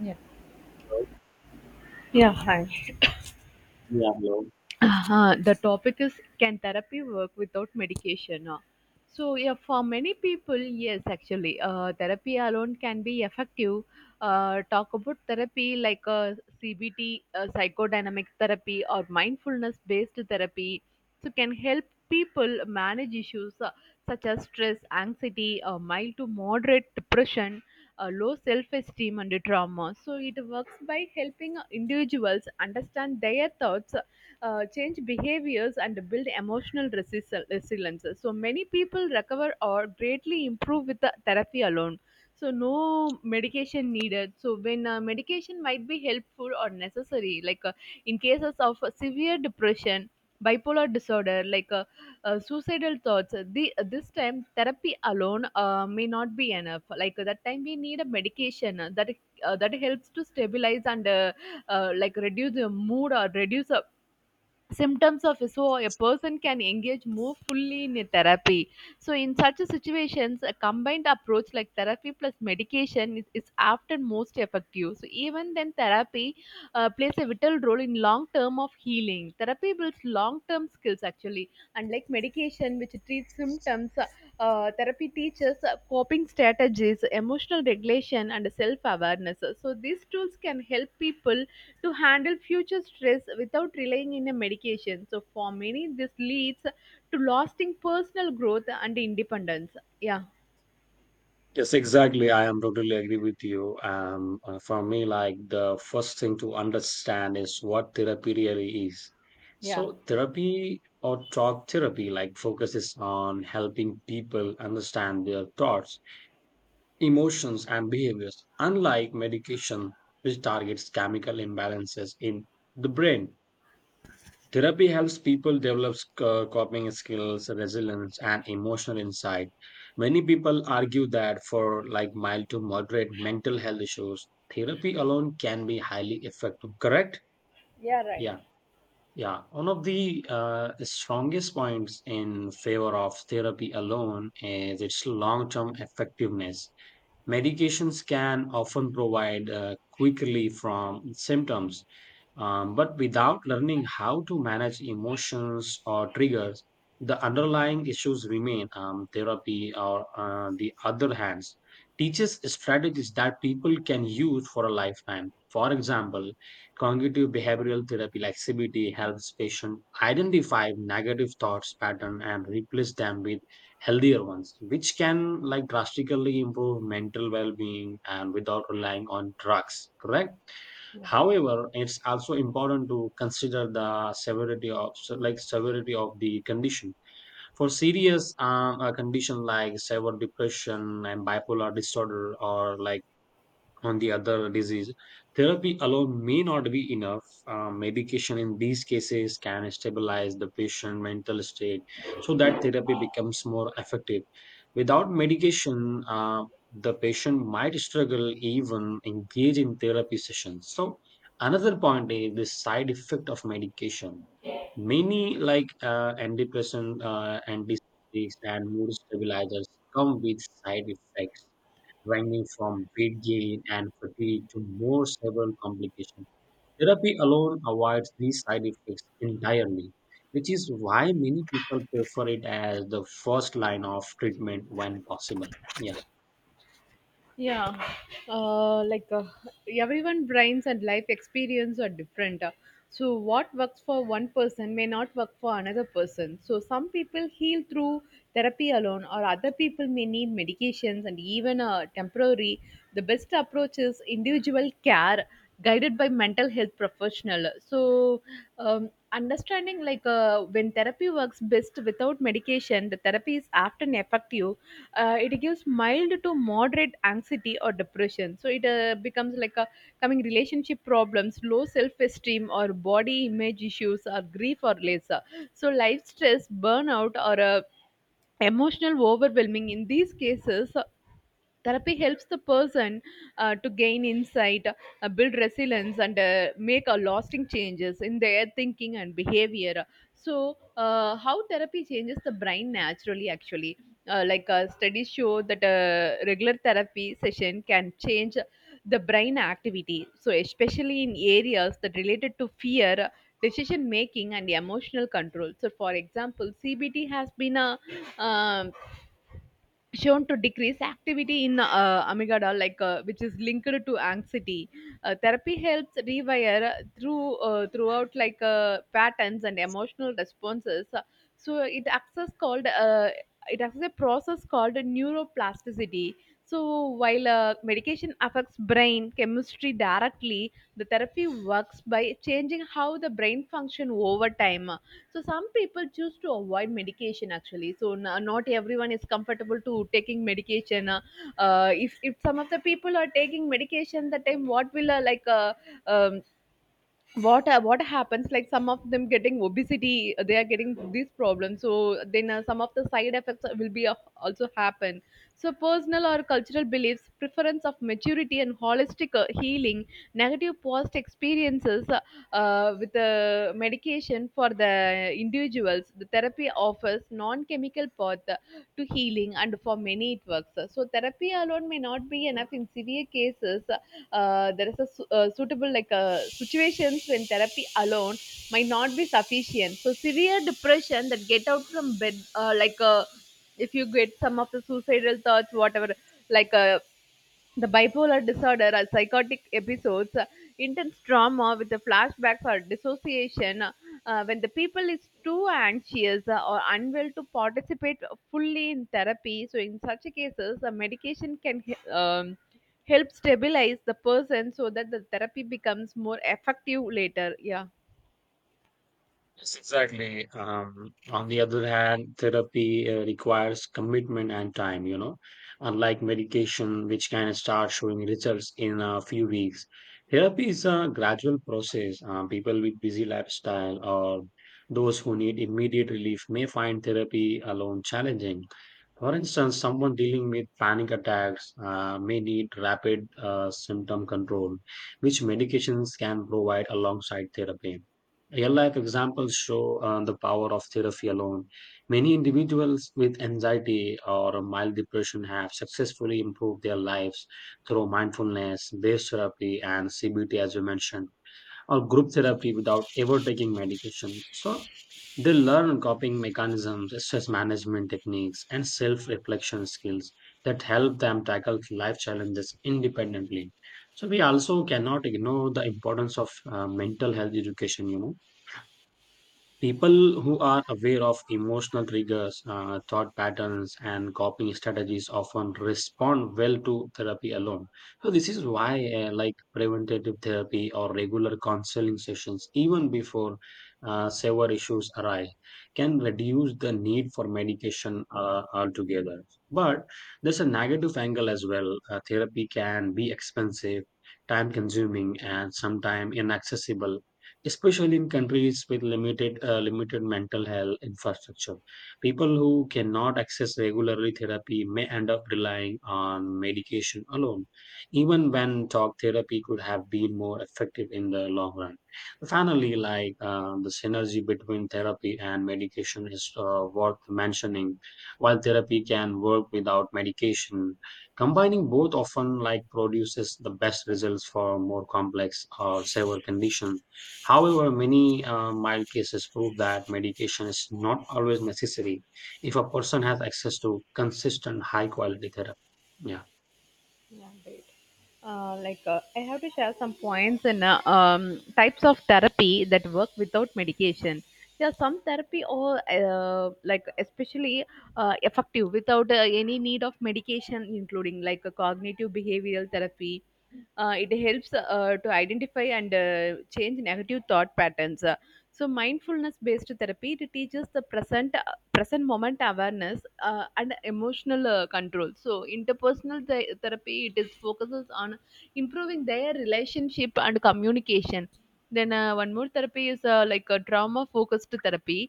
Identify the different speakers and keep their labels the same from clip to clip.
Speaker 1: Yeah, Yeah. Hi.
Speaker 2: Yeah, hello.
Speaker 1: The topic is, can therapy work without medication? So for many people, yes, actually, therapy alone can be effective. Talk about therapy like CBT, psychodynamic therapy, or mindfulness based therapy. So, can help people manage issues such as stress, anxiety, mild to moderate depression, low self esteem, and trauma. So, it works by helping individuals understand their thoughts, change behaviors, and build emotional resilience. So many people recover or greatly improve with the therapy alone. So no medication needed. So when medication might be helpful or necessary, like in cases of severe depression, bipolar disorder, like suicidal thoughts, this time therapy alone may not be enough. Like that time we need a medication that that helps to stabilize and like reduce the mood or reduce symptoms of, so a person can engage more fully in a therapy. So in such a situations, a combined approach like therapy plus medication is often most effective. So even then, therapy plays a vital role in long term of healing. Therapy builds long term skills actually, unlike medication which treats symptoms. Therapy teaches coping strategies, emotional regulation, and self awareness. So these tools can help people to handle future stress without relying on a medication. So for many, this leads to lasting personal growth and independence. Yeah.
Speaker 2: Yes, exactly. I am totally agree with you. For me, like the first thing to understand is what therapy really is.
Speaker 1: Yeah,
Speaker 2: So, therapy or talk therapy like focuses on helping people understand their thoughts, emotions, and behaviors, unlike medication, which targets chemical imbalances in the brain. Therapy helps people develop coping skills, resilience, and emotional insight. Many people argue that for like mild to moderate mental health issues, therapy alone can be highly effective. Correct?
Speaker 1: yeah, right.
Speaker 2: Yeah, yeah. One of the strongest points in favor of therapy alone is its long-term effectiveness. Medications can often provide quick relief from symptoms, but without learning how to manage emotions or triggers, the underlying issues remain. Therapy, or the other hands, teaches strategies that people can use for a lifetime. For example, cognitive behavioral therapy like CBT helps patients identify negative thoughts pattern and replace them with healthier ones, which can like drastically improve mental well-being and without relying on drugs. Correct. However, it's also important to consider the severity of so, like severity of the condition. For serious condition like severe depression and bipolar disorder or like on the other disease. Therapy alone may not be enough. Medication in these cases can stabilize the patient mental state so that therapy becomes more effective. Without medication, the patient might struggle even engage in therapy sessions. So another point is the side effect of medication. Many like antidepressant, antipsychotics, and mood stabilizers come with side effects ranging from weight gain and fatigue to more severe complications. Therapy alone avoids these side effects entirely, which is why many people prefer it as the first line of treatment when possible. Yeah.
Speaker 1: yeah uh, like uh, Everyone brains and life experience are different. So what works for one person may not work for another person. So some people heal through therapy alone, or other people may need medications and even temporary. The best approach is individual care, guided by mental health professional. So understanding when therapy works best without medication, the therapy is often effective. It gives mild to moderate anxiety or depression, so it becomes like a coming relationship problems, low self-esteem, or body image issues, or grief or lesser, so life stress, burnout, or emotional overwhelming. In these cases therapy helps the person to gain insight, build resilience, and make a lasting changes in their thinking and behavior. So, how therapy changes the brain naturally, actually, studies show that a regular therapy session can change the brain activity. So, especially in areas that related to fear, decision making, and emotional control. So, for example, CBT has been a um, shown to decrease activity in amygdala, which is linked to anxiety. Therapy helps rewire through throughout like patterns and emotional responses. So it acts as called it acts a process called neuroplasticity. So while medication affects brain chemistry directly, the therapy works by changing how the brain function over time. So some people choose to avoid medication actually. So not everyone is comfortable to taking medication. If some of the people are taking medication, the time what will um, what happens, like some of them getting obesity, they are getting these problems. So then some of the side effects will be also happen. So personal or cultural beliefs, preference of maturity and holistic healing, negative past experiences with the medication for the individuals, the therapy offers non-chemical path to healing, and for many it works. So therapy alone may not be enough in severe cases. There is a suitable situations when therapy alone might not be sufficient. So severe depression that get out from bed, if you get some of the suicidal thoughts whatever, like uh, the bipolar disorder are psychotic episodes, intense trauma with the flashbacks or dissociation, when the people is too anxious or unwell to participate fully in therapy. So in such cases, a medication can help stabilize the person so that the therapy becomes more effective later. Yeah.
Speaker 2: Yes, exactly. On the other hand, therapy requires commitment and time, you know, unlike medication, which can start showing results in a few weeks. Therapy is a gradual process. People with busy lifestyle or those who need immediate relief may find therapy alone challenging. For instance, someone dealing with panic attacks may need rapid symptom control, which medications can provide alongside therapy. Real life examples show the power of therapy alone. Many individuals with anxiety or mild depression have successfully improved their lives through mindfulness, based therapy, and CBT, as we mentioned, or group therapy without ever taking medication. So they learn coping mechanisms, stress management techniques, and self reflection skills that help them tackle life challenges independently. So we also cannot ignore the importance of mental health education, you know. People who are aware of emotional triggers, thought patterns, and coping strategies often respond well to therapy alone. So, this is why, like preventative therapy or regular counseling sessions, even before severe issues arise, can reduce the need for medication altogether. But there's a negative angle as well. Therapy can be expensive, time consuming, and sometimes inaccessible, especially in countries with limited mental health infrastructure. People who cannot access regularly therapy may end up relying on medication alone, even when talk therapy could have been more effective in the long run. Finally, like the synergy between therapy and medication is worth mentioning. While therapy can work without medication, combining both often like produces the best results for more complex or severe conditions. However, many mild cases prove that medication is not always necessary if a person has access to consistent high quality therapy. Yeah.
Speaker 1: Yeah, great. I have to share some points in types of therapy that work without medication. There are some therapy or especially effective without any need of medication, including like a cognitive behavioral therapy. It helps to identify and change negative thought patterns. So mindfulness based therapy, it teaches the present present moment awareness and emotional control. So interpersonal therapy, it is focuses on improving their relationship and communication. Then one more therapy is like a trauma focused therapy.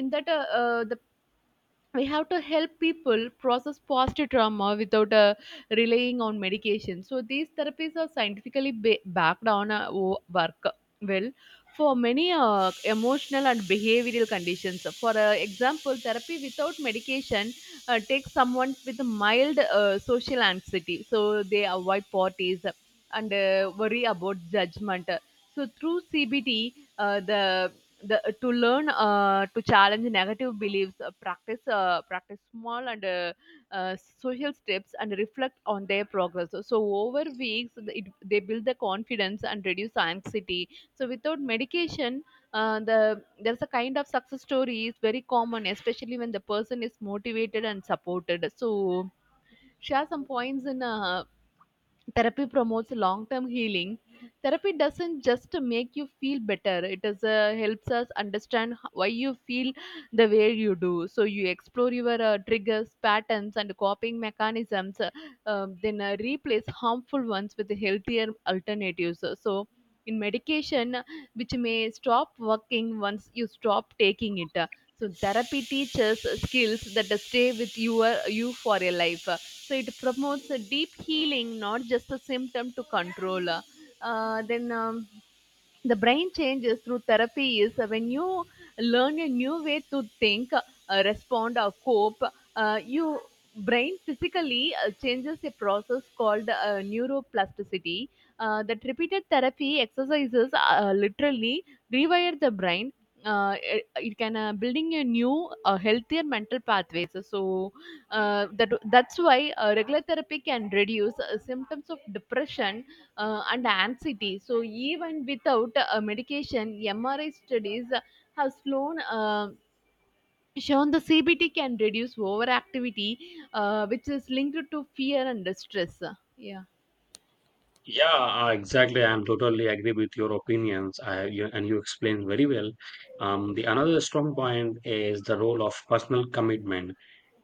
Speaker 1: In that the we have to help people process past trauma without relying on medication. So these therapies are scientifically backed on work well for many emotional and behavioral conditions. For example, therapy without medication takes someone with mild social anxiety, so they avoid parties and worry about judgment. So through CBT, the to learn to challenge negative beliefs, practice small and social steps, and reflect on their progress. So over weeks, they build the confidence and reduce anxiety. So without medication, there's a kind of success story is very common, especially when the person is motivated and supported. So share some points in therapy promotes long term healing. Therapy doesn't just make you feel better, it is helps us understand why you feel the way you do. So you explore your triggers, patterns, and coping mechanisms, then replace harmful ones with healthier alternatives. So in medication, which may stop working once you stop taking it, so therapy teaches skills that stay with you for a life. So it promotes a deep healing, not just a symptom to control. Uh, then. Um, the brain changes through therapy is, when you learn a new way to think, respond, or cope, you brain physically changes a process called neuroplasticity. That repeated therapy exercises literally rewire the brain. It can building a new healthier mental pathways. So that's why regular therapy can reduce symptoms of depression and anxiety. So, even without medication, MRI studies have shown the CBT can reduce overactivity, which is linked to fear and stress. Yeah.
Speaker 2: Yeah, exactly. I am totally agree with your opinions, I, you, and you explained very well. The another strong point is the role of personal commitment.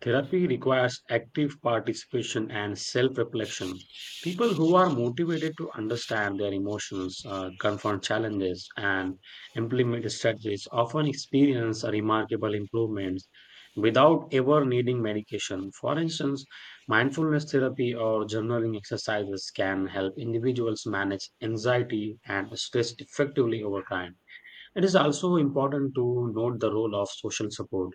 Speaker 2: Therapy requires active participation and self reflection. People who are motivated to understand their emotions, confront challenges, and implement strategies often experience remarkable improvements without ever needing medication. For instance, mindfulness therapy or journaling exercises can help individuals manage anxiety and stress effectively over time. It is also important to note the role of social support.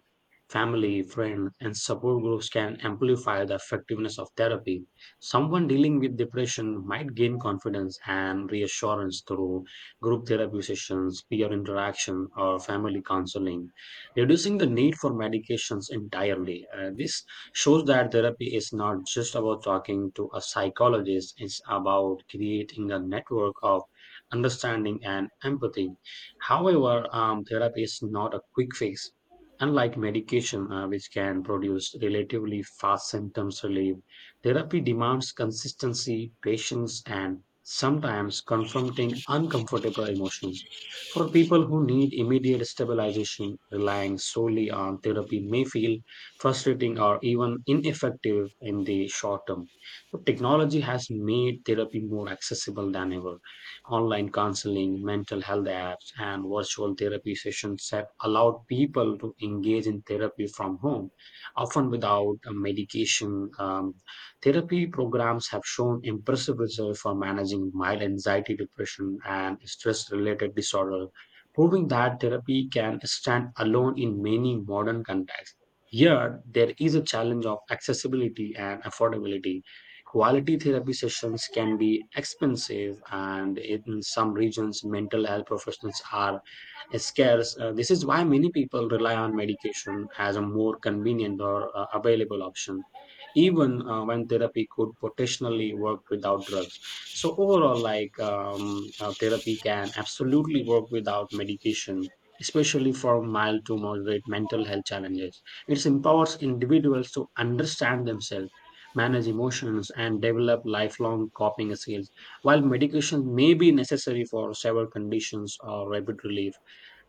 Speaker 2: Family, friends, and support groups can amplify the effectiveness of therapy. Someone dealing with depression might gain confidence and reassurance through group therapy sessions, peer interaction, or family counseling, reducing the need for medications entirely. This shows that therapy is not just about talking to a psychologist, it's about creating a network of understanding and empathy. However, therapy is not a quick fix. Unlike medication, which can produce relatively fast symptoms relief, therapy demands consistency, patience, and sometimes confronting uncomfortable emotions. For people who need immediate stabilization, relying solely on therapy may feel frustrating or even ineffective in the short term. But technology has made therapy more accessible than ever. Online counseling, mental health apps, and virtual therapy sessions have allowed people to engage in therapy from home, often without medication. Therapy programs have shown impressive results for managing mild anxiety, depression, and stress related disorder, proving that therapy can stand alone in many modern contexts. Yet, there is a challenge of accessibility and affordability. Quality therapy sessions can be expensive, and in some regions, mental health professionals are is scarce. This is why many people rely on medication as a more convenient or available option, even when therapy could potentially work without drugs. So overall, like therapy can absolutely work without medication. Especially for mild to moderate mental health challenges, it empowers individuals to understand themselves, manage emotions, and develop lifelong coping skills, while medication may be necessary for several conditions or rapid relief.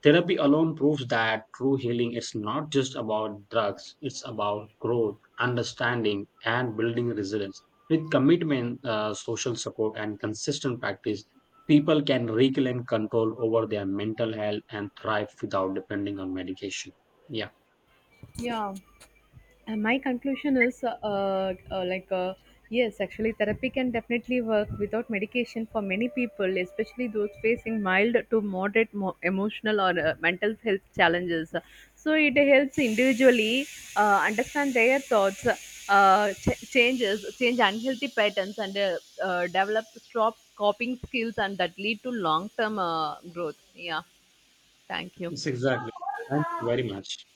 Speaker 2: Therapy alone proves that true healing is not just about drugs, it's about growth, understanding, and building resilience. With commitment, social support, and consistent practice, people can reclaim control over their mental health and thrive without depending on medication. Yeah.
Speaker 1: Yeah. And my conclusion is, uh, like uh, yes, actually therapy can definitely work without medication for many people, especially those facing mild to moderate emotional or mental health challenges. So it helps individually understand their thoughts, change unhealthy patterns, and develop strong coping skills, and that lead to long term growth. Yeah, thank you.
Speaker 2: Yes, exactly. Thank you very much.